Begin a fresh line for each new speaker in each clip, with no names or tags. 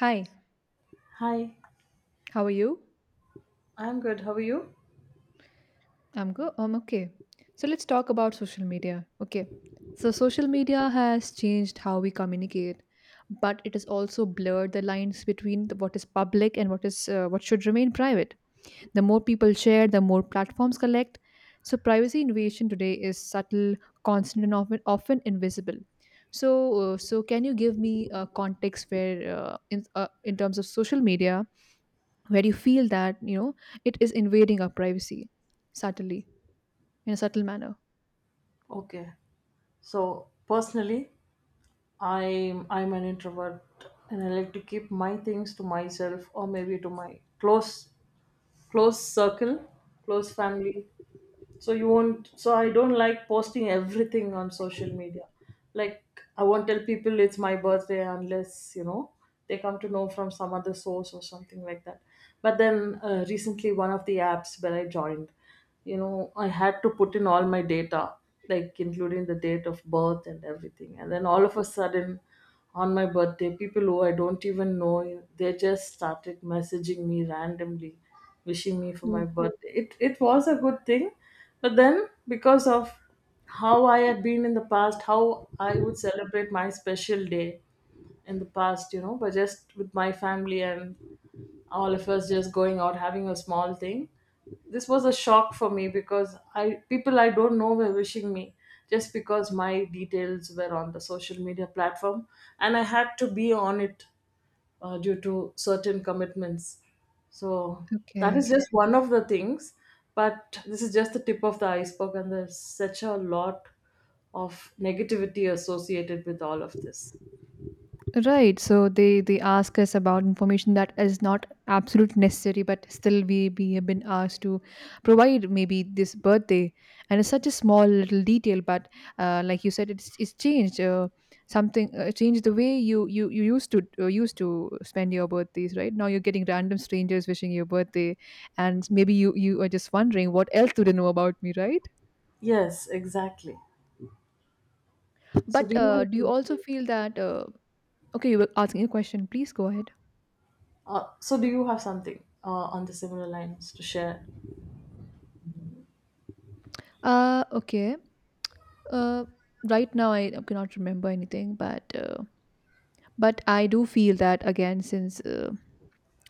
Hi,
Hi,
how are you?
I'm good. How are you?
I'm good. I'm okay. So let's talk about social media. Okay. So social media has changed how we communicate, but it has also blurred the lines between what is public and what is what should remain private. The more people share, the more platforms collect. So privacy invasion today is subtle, constant, and often invisible. So so can you give me a context where in terms of social media, where you feel that it is invading our privacy subtly, in a subtle manner?
Okay. So personally, I'm an introvert, and I like to keep my things to myself, or maybe to my close circle, close family. So you won't so I don't like posting everything on social media, like I won't tell people it's my birthday unless they come to know from some other source or something like that. But then recently, one of the apps where I joined, I had to put in all my data, like including the date of birth and everything. And then all of a sudden, on my birthday, people who I don't even know, they just started messaging me randomly, wishing me for my
Oh,
birthday. It was a good thing, but then, because of how I had been in the past, how I would celebrate my special day in the past, but just with my family and all of us just going out having a small thing. This was a shock for me, because I people I don't know were wishing me, just because my details were on the social media platform and I had to be on it due to certain commitments. So that
okay.
is just one of the things, but this is just the tip of the iceberg, and there's such a lot of negativity associated with all of this.
Right. So they ask us about information that is not absolute necessary, but still we have been asked to provide maybe this birthday, and it's such a small little detail, but like you said, it's changed something changed the way you used to used to spend your birthdays. Right now, you're getting random strangers wishing your birthday, and maybe you are just wondering what else do they know about me, right?
Yes, exactly. So do
But
you have
do you also
something?
feel that? Okay, you were asking a question. Please go ahead.
So do you have something on the similar lines to share?
Okay. Uh, right now, I cannot remember anything, but but I do feel that again, since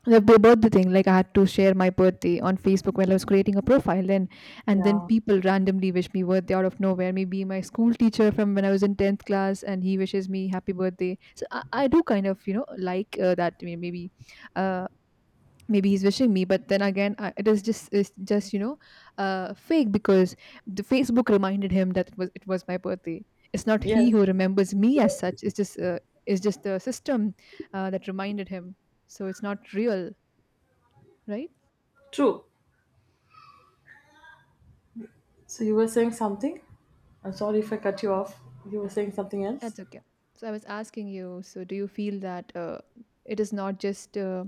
the birthday thing, like I had to share my birthday on Facebook while I was creating a profile, and then
Yeah.
people randomly wish me birthday out of nowhere. Maybe my school teacher from when I was in 10th class, and he wishes me happy birthday. So I do kind of, like maybe uh, maybe he's wishing me, but then again, it is just, it's just you know fake because the Facebook reminded him that it was my birthday. It's not
Yes.
he who remembers me as
Yes.
such. It's just it's just the system that reminded him. So it's not real, right?
True. So you were saying something. I'm sorry if I cut you off. You were saying something else.
That's okay. So I was asking you. So do you feel that it is not just uh,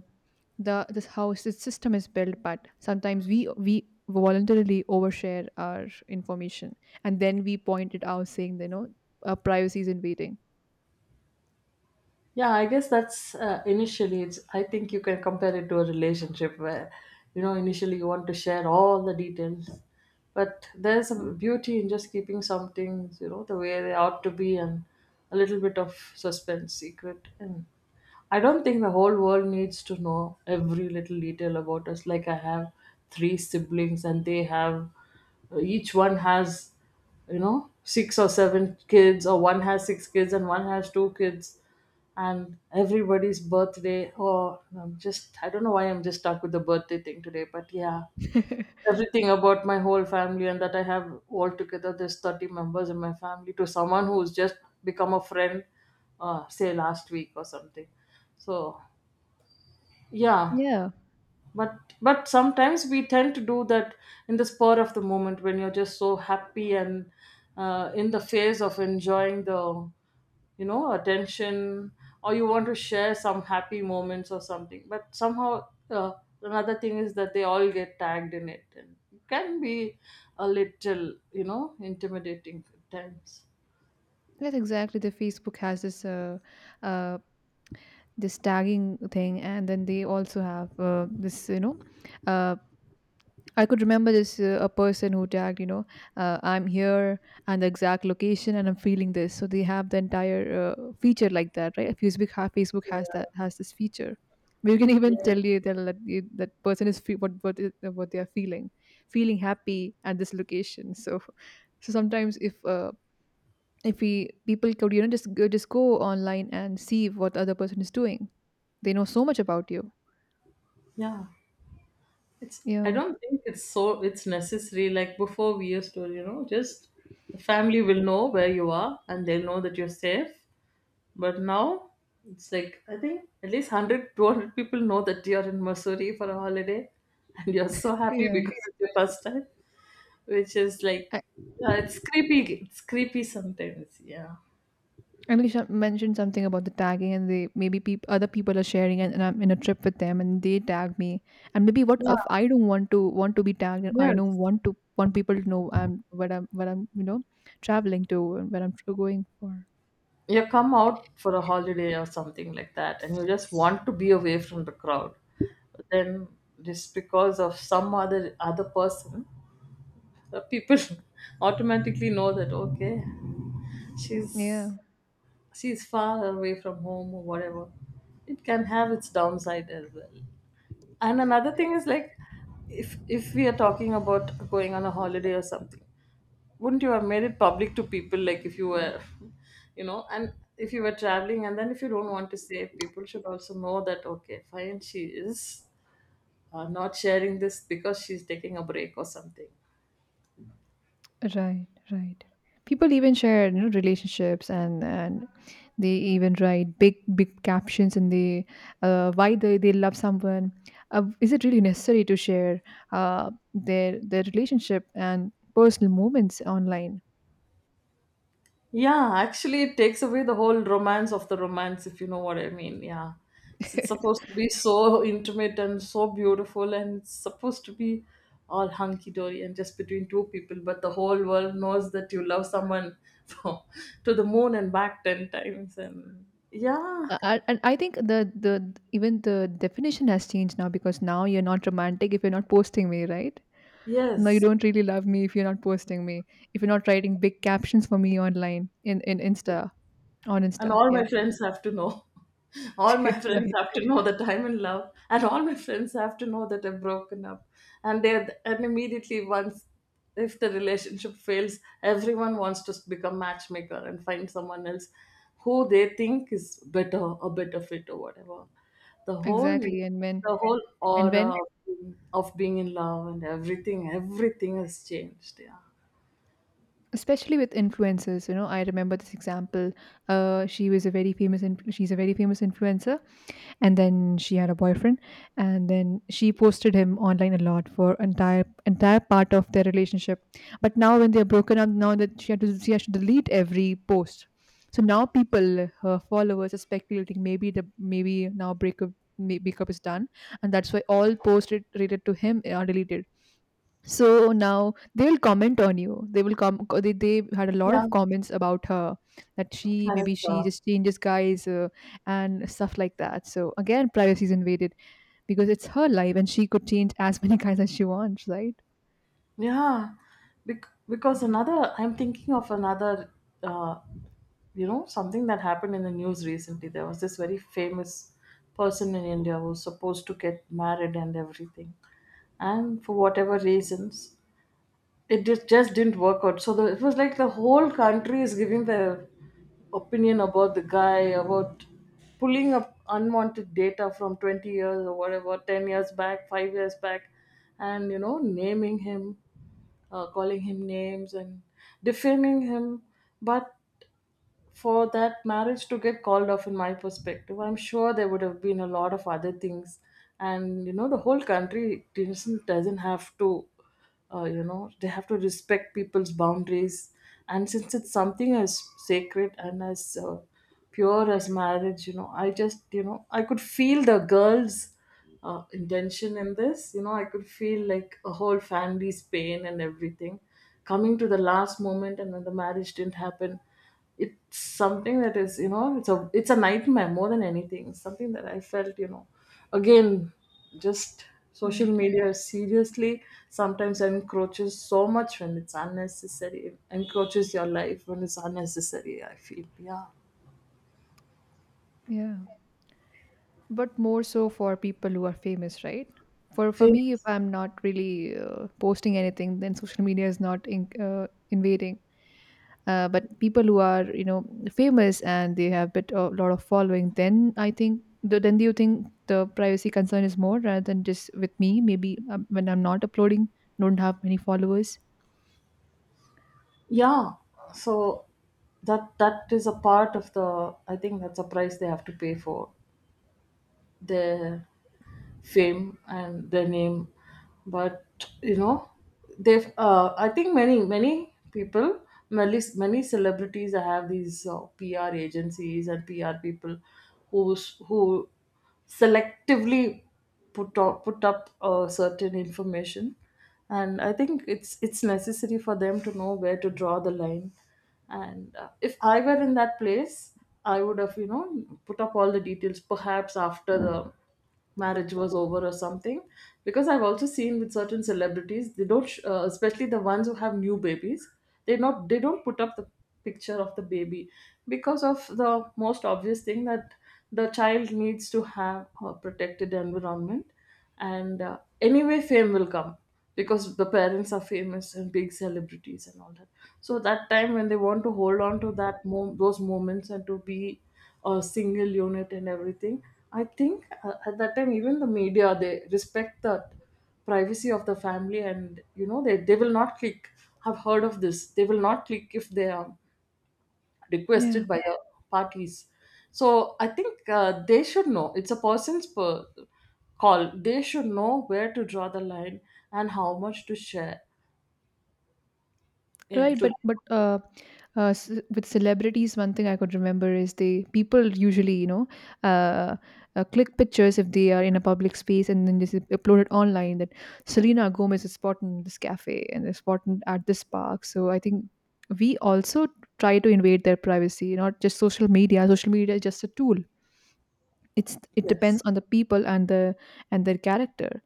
the this how the system is built, but sometimes we voluntarily overshare our information, and then we point it out, saying that, our privacy is invading.
Yeah, I guess that's initially it's I think you can compare it to a relationship where, initially you want to share all the details, but there's a beauty in just keeping some things, the way they ought to be, and a little bit of suspense secret. And I don't think the whole world needs to know every little detail about us. Like, I have three siblings, and they have, each one has, six or seven kids, or one has six kids and one has two kids, and everybody's birthday. Oh, I'm just, I don't know why I'm just stuck with the birthday thing today, but yeah, everything about my whole family. And that I have altogether, there's 30 members in my family, to someone who's just become a friend, say, last week or something. So, yeah.
Yeah,
But sometimes we tend to do that in the spur of the moment, when you're just so happy, and in the phase of enjoying the, attention, or you want to share some happy moments or something. But somehow, uh, another thing is that they all get tagged in it, and it can be a little, intimidating at times.
that's exactly. The Facebook has this uh, this tagging thing, and then they also have this you know uh, I could remember this a person who tagged, I'm here and the exact location and I'm feeling this. So they have the entire feature like that, right? Facebook ha- Facebook has that
Yeah.
has this feature. We can
Yeah.
even tell you that person what they are feeling, feeling happy at this location. So sometimes if we people could just go online and see what the other person is doing, they know so much about you.
Yeah. It's I
Yeah,
don't think it's necessary. Like before, we used to, just, the family will know where you are, and they'll know that you're safe. But now, it's like I think at least 100, 200 people know that you're in Missouri for a holiday, and you're so happy
yeah.
because it's your first time, which is like, yeah, it's creepy. It's creepy sometimes. Yeah.
And Alicia mentioned something about the tagging, and they, maybe peop other people are sharing, and I'm in a trip with them, and they tag me. And maybe what
Yeah.
if I don't want to be tagged? And I don't
Yes.
want people to know I'm what I'm what I'm you know traveling to and what I'm going for.
You come out for a holiday or something like that, and you just want to be away from the crowd. Then, just because of some other person, the people automatically know that, okay,
Yeah.
she's she's far away from home or whatever. It can have its downside as well. And another thing is, like, if we are talking about going on a holiday or something, wouldn't you have made it public to people? Like, if you were and if you were traveling, and then, if you don't want to say, people should also know that, okay, fine, she is not sharing this because she's taking a break or something.
Right, right. People even share, relationships, and they even write big captions in the why they, love someone. Is it really necessary to share their relationship and personal moments online?
Yeah, actually, it takes away the whole romance of the romance, if you know what I mean. Yeah. It's supposed to be so intimate and so beautiful, and it's supposed to be all hunky dory and just between two people, but the whole world knows that you love someone for, to the moon and back 10 times. And yeah.
And I think the even the definition has changed now, because now you're not romantic if you're not posting me, right? No, you
Yes.
don't really love me if you're not posting me, if you're not writing big captions for me online in in insta on
And
insta
all my
Yeah.
friends have to know. All my friends
Right.
have to know that I'm in love, and all my friends have to know that I've broken up. And they, and immediately, once, if the relationship fails, everyone wants to become matchmaker and find someone else who they think is better, a better fit or whatever. The whole, the
Exactly, and when
whole
and
aura
when
of being in love and everything, everything has changed. Yeah.
especially with influencers, you know, I remember this example. She was a very famous, she's a very famous influencer, and then she had a boyfriend, and then she posted him online a lot for entire part of their relationship. But now, when they're broken up, now that she has to delete every post, so now people, her followers, are speculating maybe the maybe now breakup, breakup is done, and that's why all posts related to him are deleted. So now, they'll comment on you. They will come. They had a lot
Yeah.
of comments about her, that she, maybe she
Character.
just changes guys, and stuff like that. So again, privacy is invaded because it's her life and she could change as many guys as she wants, right?
Yeah. Because another, I'm thinking of another, uh, something that happened in the news recently. There was this very famous person in India who was supposed to get married and everything. And for whatever reasons, it just didn't work out. So it was like the whole country is giving their opinion about the guy, about pulling up unwanted data from 20 years or whatever, 10 years back, 5 years back, and, naming him, calling him names and defaming him. But for that marriage to get called off, in my perspective, I'm sure there would have been a lot of other things. And the whole country doesn't have to, they have to respect people's boundaries. And since it's something as sacred and as pure as marriage you know I just you know I could feel the girl's intention in this. I could feel like a whole family's pain and everything, coming to the last moment, and then the marriage didn't happen. It's something that is, it's a, nightmare more than anything. It's something that I felt, again, just social
Right.
media, seriously, sometimes encroaches so much when it's unnecessary. It encroaches your life when it's unnecessary, I feel. Yeah.
Yeah, but more so for people who are famous, right? For
Feel-
me, if I'm not really posting anything, then social media is not invading. But people who are, you know, famous and they have bit a lot of following, then I think then, do you think the privacy concern is more rather than just with me, maybe when I'm not uploading, don't have many followers?
yeah. So that is a part of the, I think that's a price they have to pay for the fame and the name. But you know they've I think, many, many celebrities have these PR agencies and PR people, who who selectively put up certain information. And I think it's necessary for them to know where to draw the line. And if I were in that place, I would have, put up all the details, perhaps after the marriage was over or something. Because I've also seen, with certain celebrities, they don't especially the ones who have new babies, they don't put up the picture of the baby, because of the most obvious thing, that the child needs to have a protected environment. And anyway, fame will come, because the parents are famous and big celebrities and all that. So that time, when they want to hold on to that those moments, and to be a single unit and everything, I think, at that time, even the media, they respect the privacy of the family. And they will not click, I've heard of this, they will not click if they are
Yeah.
requested by the parties. So I think, they should know. It's a person's call. They should know where to draw the line and how much to share. Yeah,
Right,
to
but s with celebrities, one thing I could remember is they people usually, uh, click pictures if they are in a public space, and then just upload it online, that Selena Gomez is spotted in this cafe and is spotted at this park. So I think we also try to invade their privacy, not just social media. Social media is just a tool. It's, it
yes,
depends on the people and the and their character.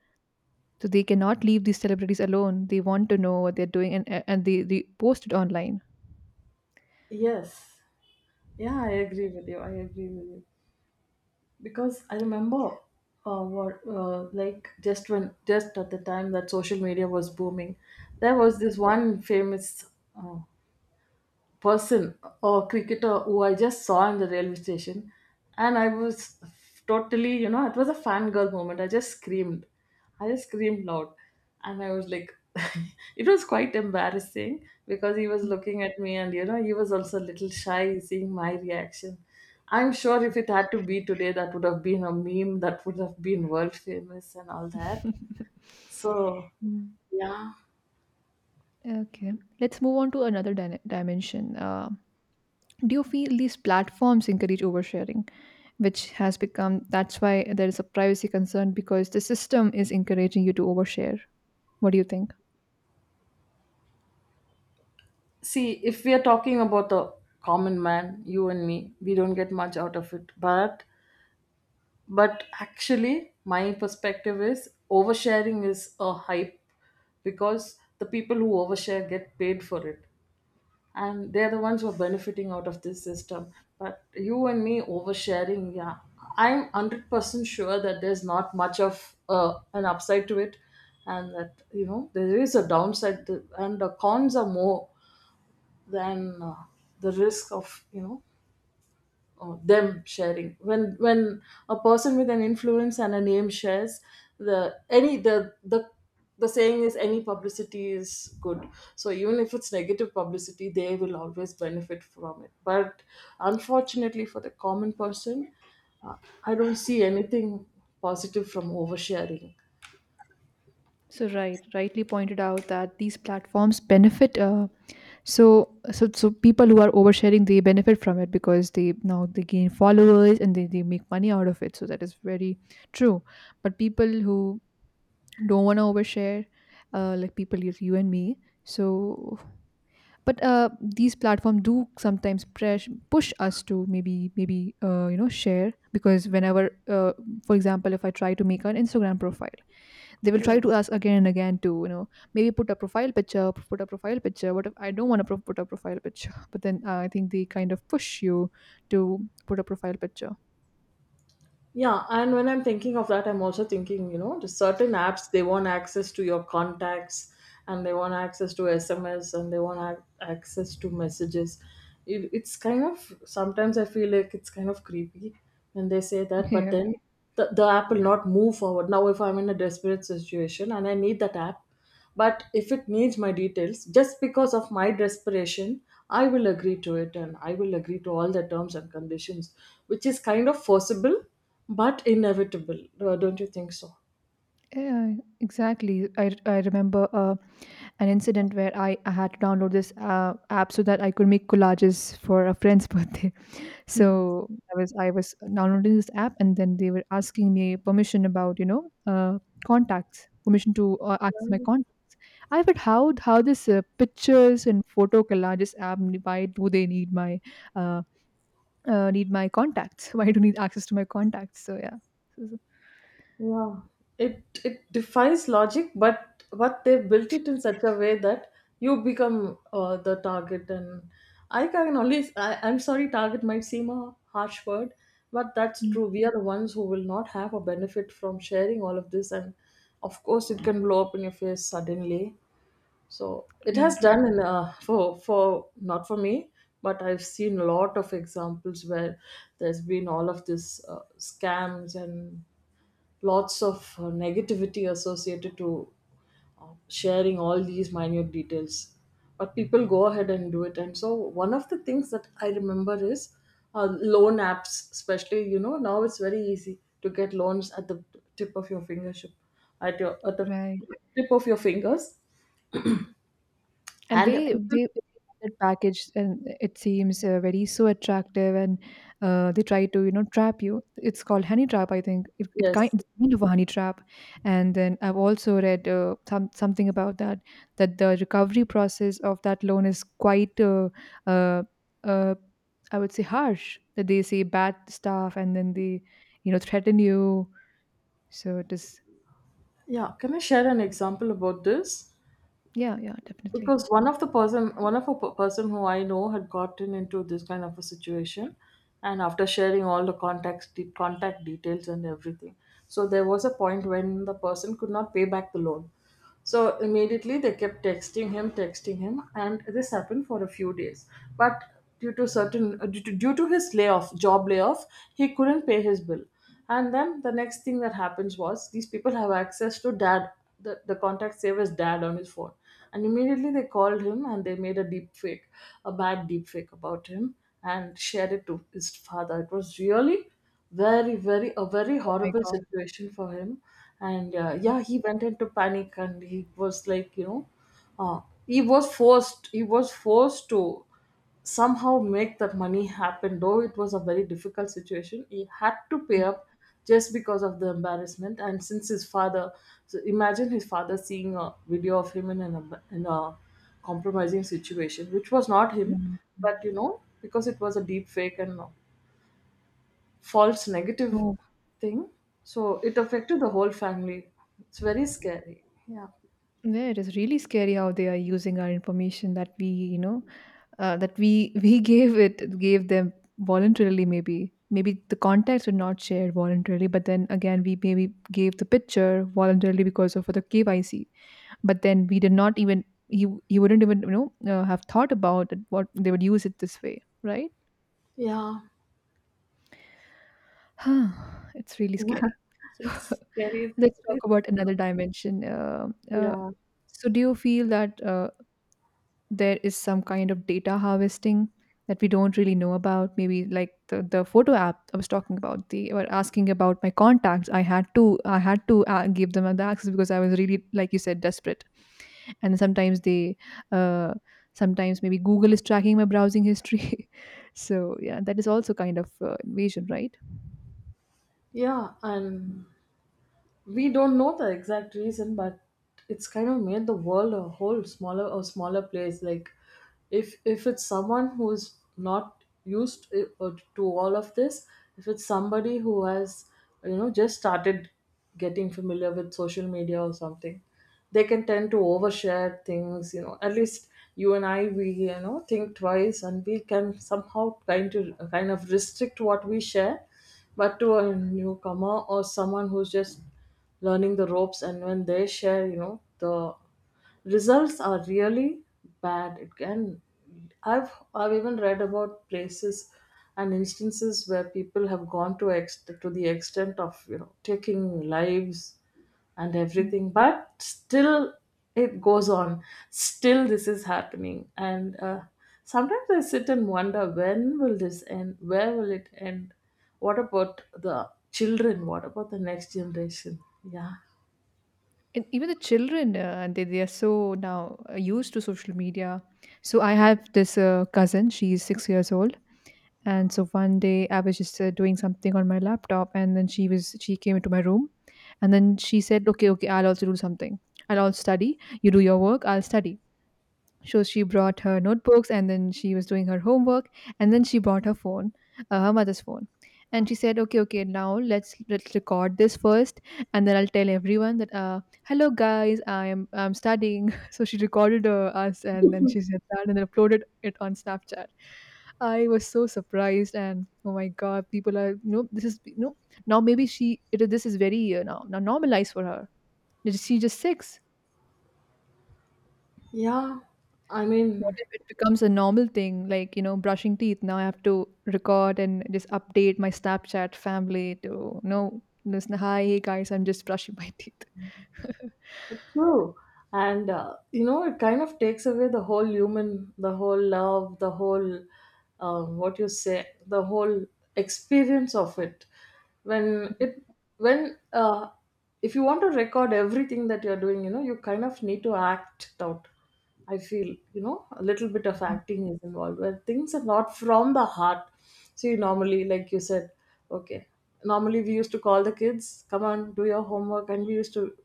So they cannot leave these celebrities alone. They want to know what they're doing, and they post it online.
yes, yeah. I agree with you. I agree with you, because I remember, what, like, just at the time that social media was booming, there was this one famous uh, person or cricketer who I just saw in the railway station. And I was totally, you know, it was a fangirl moment. I just screamed. I just screamed loud, and I was like, it was quite embarrassing, because he was looking at me. And he was also a little shy seeing my reaction. I'm sure if it had to be today, that would have been a meme that would have been world famous and all that.
Mm.
So, yeah.
Okay, let's move on to another dimension. Do you feel these platforms encourage oversharing, which has become, that's why there is a privacy concern, because the system is encouraging you to overshare? What do you think?
See, if we are talking about the common man, you and me, we don't get much out of it. But actually, my perspective is oversharing is a hype, because the people who overshare get paid for it. And they're the ones who are benefiting out of this system. But you and me oversharing, yeah. I'm 100% sure that there's not much of an upside to it and that, you know, there is a downside to, and the cons are more than the risk of them sharing when a person with an influence and a name shares the the saying is any publicity is good, so even if it's negative publicity they will always benefit from it. But unfortunately for the common person, uh, I don't see anything positive from oversharing.
So, right, rightly pointed out that these platforms benefit. So people who are oversharing, they benefit from it because they now they gain followers, and they make money out of it. So that is very true. But people who don't want to overshare, like people like you and me, so but these platforms do sometimes press push us to maybe you know, share, because whenever for example, if I try to make an Instagram profile, they will try to
Yes.
ask again and again to, you know maybe put a profile picture put a profile picture. What if I don't want to put a profile picture? But then I think they kind of push you to put a profile picture.
Yeah, and when I'm thinking of that, I'm also thinking, you know, the certain apps they want access to your contacts, and they want access to SMS, and they want access to messages. It's kind of sometimes I feel like it's kind of creepy when they say that, but
Yeah.
then the app will not move forward. Now, if I'm in a desperate situation and I need that app, but if it needs my details, just because of my desperation, I will agree to it and I will agree to all the terms and conditions, which is kind of forcible but inevitable. Don't you think so?
Yeah, exactly. I remember an incident where I had to download this app so that I could make collages for a friend's birthday. So I was downloading this app, and then they were asking me permission about, contacts, permission to access my contact. I thought, how, this pictures and photo collages app, why do they need my uh, contacts? Why do you need access to my contacts? So yeah, So- so-
Yeah, it defies logic, but they built it in such a way that you become the target. And I can only I'm sorry, target might seem a harsh word, but that's true.
mm,
We are the ones who will not have a benefit from sharing all of this, and of course, it can blow up in your face suddenly. So it has
right,
done in for not for me, but I've seen a lot of examples where there's been all of this scams and lots of negativity associated to sharing all these minute details, but people go ahead and do it. And so one of the things that I remember is loan apps, especially. You know, now it's very easy to get loans at the tip of your fingership, at your at the
right.
tip of your fingers.
And,
And
they that package, and it seems very so attractive, and they try to, trap you. It's called honey trap, I think it, it kind
yes.
it's kind of a honey trap. And then I've also read something about that, that the recovery process of that loan is quite uh, uh, I would say harsh, that they say bad stuff and then they, threaten you, so it is.
Yeah, can I share an example about this?
Yeah. Yeah, definitely.
Because one of the person, one of a p- person who I know had gotten into this kind of a situation. And after sharing all the contacts contact details and everything, so there was a point when the person could not pay back the loan. So immediately they kept texting him, and this happened for a few days. But due to certain, due to, his layoff, job layoff, he couldn't pay his bill. And then the next thing that happens was these people have access to dad, the contact save as dad on his phone. And immediately they called him and they made a deep fake, a bad deep fake about him, and shared it to his father. It was really very very a very
Oh my
horrible
god.
situation for him. And yeah, he went into panic and he was like, you know, uh, he was forced to somehow make that money happen, though it was a very difficult situation. He had to pay up just because of the embarrassment, and since his father, so imagine his father seeing a video of him in an in a compromising situation which was not him,
Oh
but
my
you know, because it was a deep fake and false negative
God.
thing. So it affected the whole family. It's very scary. Yeah.
Yeah, it is really scary how they are using our information that we we gave them voluntarily. Maybe the contacts were not shared voluntarily, but then again, we maybe gave the picture voluntarily because of the KYC. But then, we did not even you wouldn't even have thought about it, what they would use it this way, right?
Yeah.
Huh, it's really
Yeah.
scary. So
It's scary.
let's talk about another dimension.
Yeah.
So do you feel that? There is some kind of data harvesting that we don't really know about, maybe like the photo app I was talking about. They were asking about my contacts. I had to give them the access because I was really, like you said, desperate. And uh, sometimes maybe Google is tracking my browsing history so yeah, that is also kind of invasion, right?
Yeah. And we don't know the exact reason, but it's kind of made the world a smaller place. Like, if it's someone who's not used to all of this, if it's somebody who has, you know, just started getting familiar with social media or something, they can tend to overshare things, you know. At least you and I, we, you know, think twice and we can somehow kind of restrict what we share, but to a newcomer or someone who's just learning the ropes, and when they share, you know, the results are really bad. It can, I've even read about places and instances where people have gone to to the extent of, you know, taking lives and
Hmm.
everything, but still it goes on. Still this is happening. And sometimes I sit and wonder, when will this end? Where will it end? What about the children? What about the next generation? Yeah.
And even the children, and they are so now used to social media. So I have this cousin, she's 6 years old. And so one day I was just doing something on my laptop and then she came into my room and then she said, okay, okay, I'll also do something. I'll also study. You do your work, I'll study. So she brought her notebooks and then she was doing her homework and then she brought her phone, her mother's phone. And she said, "Okay, okay, now let's record this first, and then I'll tell everyone that hello guys, I'm studying." So she recorded us and then she said that and then uploaded it on Snapchat. I was so surprised and, oh my god, people are, this is, now maybe she it is this is very now normalized for her. Is she just six?
Yeah, I
What
mean,
if it becomes a normal thing, like, you know, brushing teeth? Now I have to record and just update my Snapchat family to know, listen, hi, hey guys, I'm just brushing my teeth.
true. And, you know, it kind of takes away the whole human, the whole love, the whole, what you say, the whole experience of it. When it, when, if you want to record everything that you're doing, you know, you kind of need to act it out. I feel, you know, a little bit of acting is involved where things are not from the heart. See, normally, like you said, okay, normally we used to call the kids, come on, do your homework, and we used to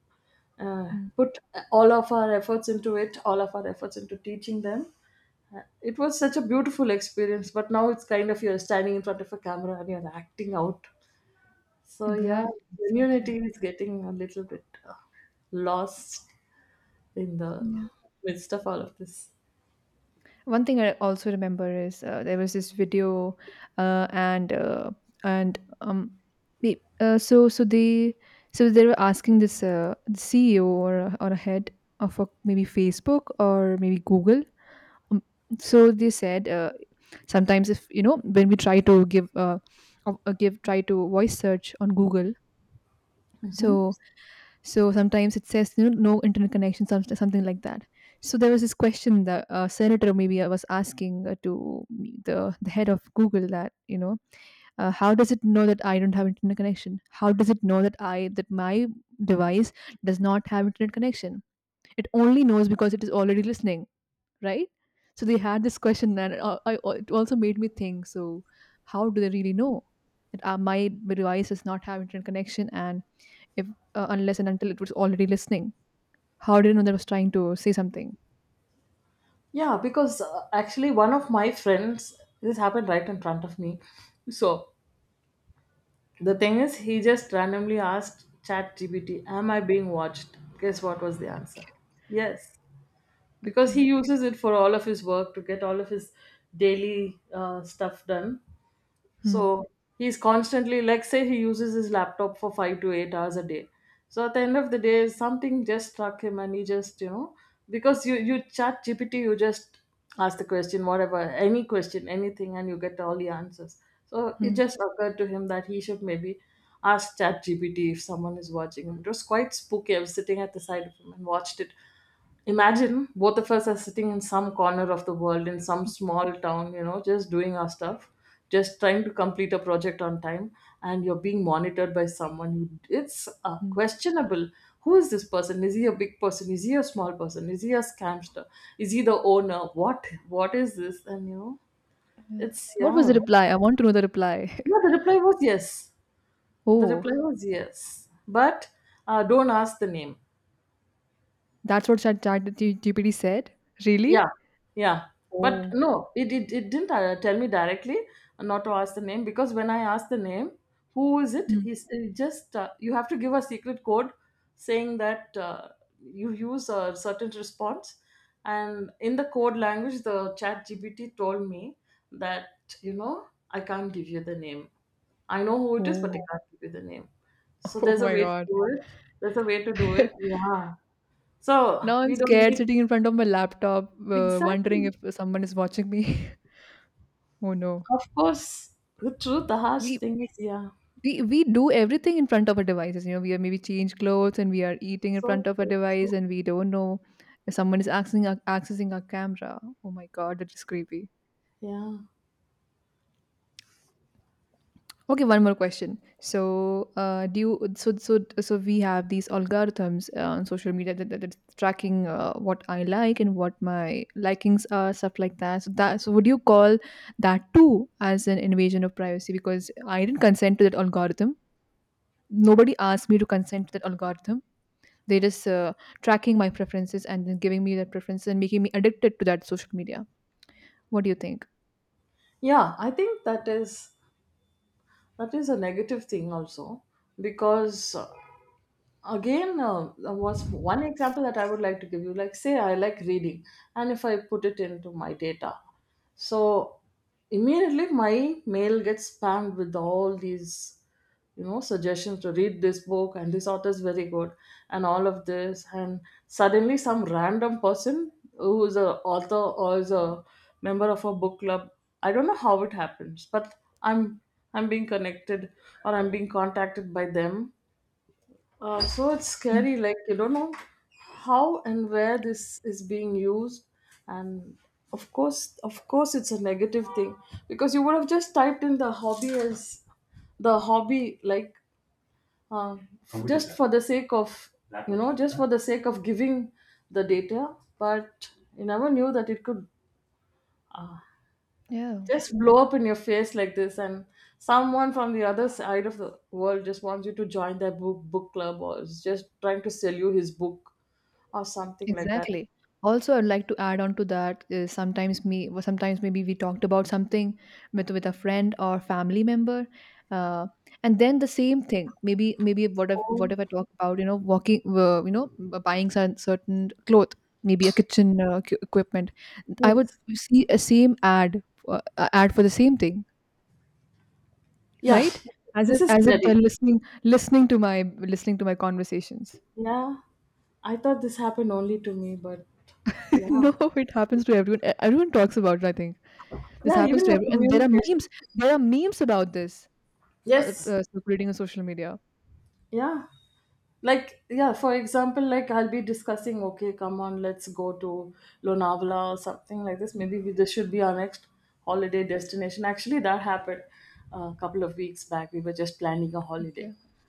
uh,
Mm,
put all of our efforts into it, all of our efforts into teaching them. It was such a beautiful experience, but now it's kind of you're standing in front of a camera and you're acting out. So, yeah,
exactly, exactly.
community is getting a little bit lost in the
Yeah.
midst of all of this.
One thing I also remember is there was this video, uh, and uh, and the- so so they they were asking this CEO or a head of a, maybe Facebook or maybe Google. Um, so they said, sometimes, if you know, when we try to give try to voice search on Google, so sometimes it says, you know, no internet connection, some, something like that. So there was this question that, senator maybe, I was asking to the head of Google that, you know, how does it know that I don't have internet connection, how does it know that I that my device does not have internet connection? It only knows because it is already listening, right? So they had this question, and it also made me think. So how do they really know that my device does not have internet connection, and if unless and until it was already listening, how did it know that I was trying to say something?
Yeah, because actually, one of my friends, this happened right in front of me. So, the thing is, he just randomly asked ChatGPT, am I being watched? Guess what was the answer? Yes. Because he
Okay.
uses it for all of his work to get all of his daily stuff done. So
Hmm.
he's constantly, like, say, he uses his laptop for 5 to 8 hours a day. So at the end of the day, something just struck him, and he just, you know, because you chat GPT, you just ask the question, whatever, any question, anything, and you get all the answers. So it
Hmm.
just occurred to him that he should maybe ask chat GPT if someone is watching him. It was quite spooky. I was sitting at the side of him and watched it. Imagine both of us are sitting in some corner of the world in some small town, you know, just doing our stuff, just trying to complete a project on time, and you're being monitored by someone. You, it's
Hmm.
questionable. Who is this person? Is he a big person? Is he a small person? Is he a scamster? Is he the owner? What? What is this? And you know,
Yeah.
it's,
What was the
yeah.
reply? I want to know the reply.
No, the reply was yes. The reply
Oh,
was yes, but don't ask the name.
that's what GPT said.
Yeah,
Really?
yeah. But
Oh.
no, it didn't tell me directly not to ask the name, because when I asked the name, who is it?
Hmm.
He's, he just, you have to give a secret code saying that you use a certain response. And in the code language, the chat GPT told me that, you know, I can't give you the name. I know who it is, but I
Oh.
can't give you the name. So
Oh
there's a
my
way to
god.
do it. There's a way to do it. Yeah. So
Now I'm
we don't
scared
need,
sitting in front of my laptop, wondering
exactly.
if someone is watching me. Oh no.
Of course, the truth, the harsh
We
thing is, yeah,
we do everything in front of our devices. You know, we are maybe change clothes and we are eating in
so
front of a
true.
device
So,
and we don't know if someone is accessing our camera. Oh my god, that is creepy.
yeah,
Okay, one more question. So, do you, we have these algorithms on social media that, that's tracking what I like and what my likings are, stuff like that. So that, so would you call that too as an invasion of privacy? Because I didn't consent to that algorithm, nobody asked me to consent to that algorithm. They just tracking my preferences and then giving me their preferences and making me addicted to that social media. What do you think?
yeah. I think that is, that is a negative thing also, because again, was one example that I would like to give you. Like, say, I like reading, and if I put it into my data, so immediately my mail gets spammed with all these, you know, suggestions to read this book and this author is very good and all of this. And suddenly some random person who is a author or is a member of a book club, I don't know how it happens, but i'm I'm being connected or I'm being contacted by them. So it's scary,
Mm.
like you don't know how and where this is being used. And of course, it's a negative thing, because you would have just typed in the hobby as the hobby, like, uh, just for the sake of, you know, just for the sake of giving the data, but you never knew that it could
Yeah.
just blow up in your face like this. And someone from the other side of the world just wants you to join their book club or is just trying to sell you his book or something like that.
Exactly. Also, I'd like to add on to that is sometimes sometimes maybe we talked about something with a friend or family member, uh, and then the same thing. Maybe,
Oh,
what if I talk about, you know, walking you know, buying some certain cloth, maybe a kitchen equipment. I would
yes.
see a same ad, ad for the same thing,
Yeah,
right? As
this
if,
is scary.
they're listening to my conversations.
Yeah, I thought this happened only to me, but yeah.
No, it happens to everyone. Everyone talks about it, I think. This
Yeah,
happens
even
to
your
every, and there are
communication.
memes, about this,
Yes.
circulating on social media.
Yeah, like, yeah, for example, like I'll be discussing, okay, come on, let's go to Lonavala or something like this.
Mm,
Maybe we, this should be our next holiday destination. Actually that happened a couple of weeks back. We were just planning a holiday,
okay.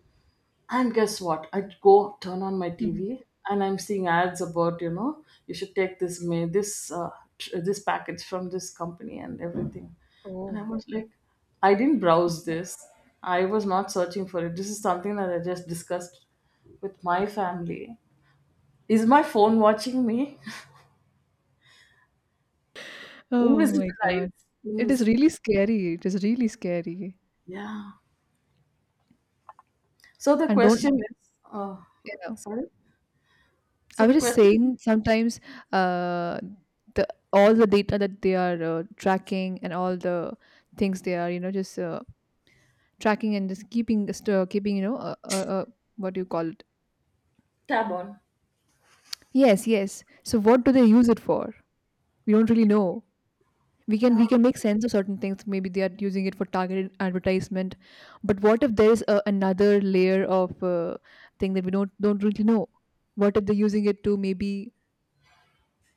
and guess what? I go turn on my
Mhm.
TV and I'm seeing ads about, you know, you should take this this package from this company and everything, and I
Oh.
was like, I didn't browse this. I was not searching for it. This is something that I just discussed with my family. Is my phone watching me?
Oh my
Invisible
god.
eyes.
It is
Invisible.
really scary. It is really scary.
Yeah. So the
And don't,
question is,
yeah.
sorry. So
I
the
was just
question is,
saying, sometimes, uh the all the data that they are tracking, and all the things they are, you know, just, tracking and just keeping, just, keeping, you know, what do you call it?
tab on.
Yes, yes. So what do they use it for? We don't really know. We can
Yeah.
we can make sense of certain things. Maybe they are using it for targeted advertisement, but what if there is a, another layer of thing that we don't really know? What if they're using it to maybe,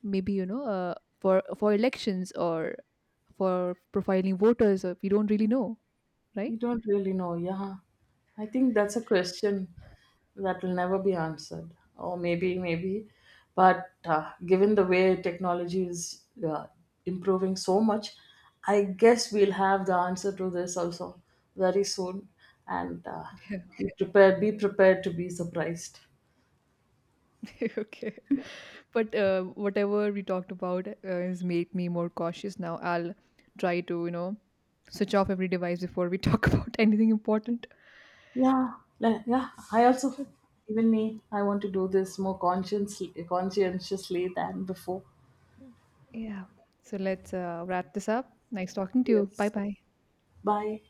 maybe, you know, for elections, or for profiling voters? We don't really know, right?
You don't really know, yeah. I think that's a question that will never be answered, or maybe, maybe. But given the way technology is improving so much, I guess we'll have the answer to this also very soon. And be prepared to be surprised.
Okay. But whatever we talked about has made me more cautious now. I'll try to, you know, switch off every device before we talk about anything important.
Yeah, yeah. I also, even me, I want to do this more consciously, conscientiously than before.
Yeah. So let's wrap this up. Nice talking to you. Bye
Yes.
bye.
Bye.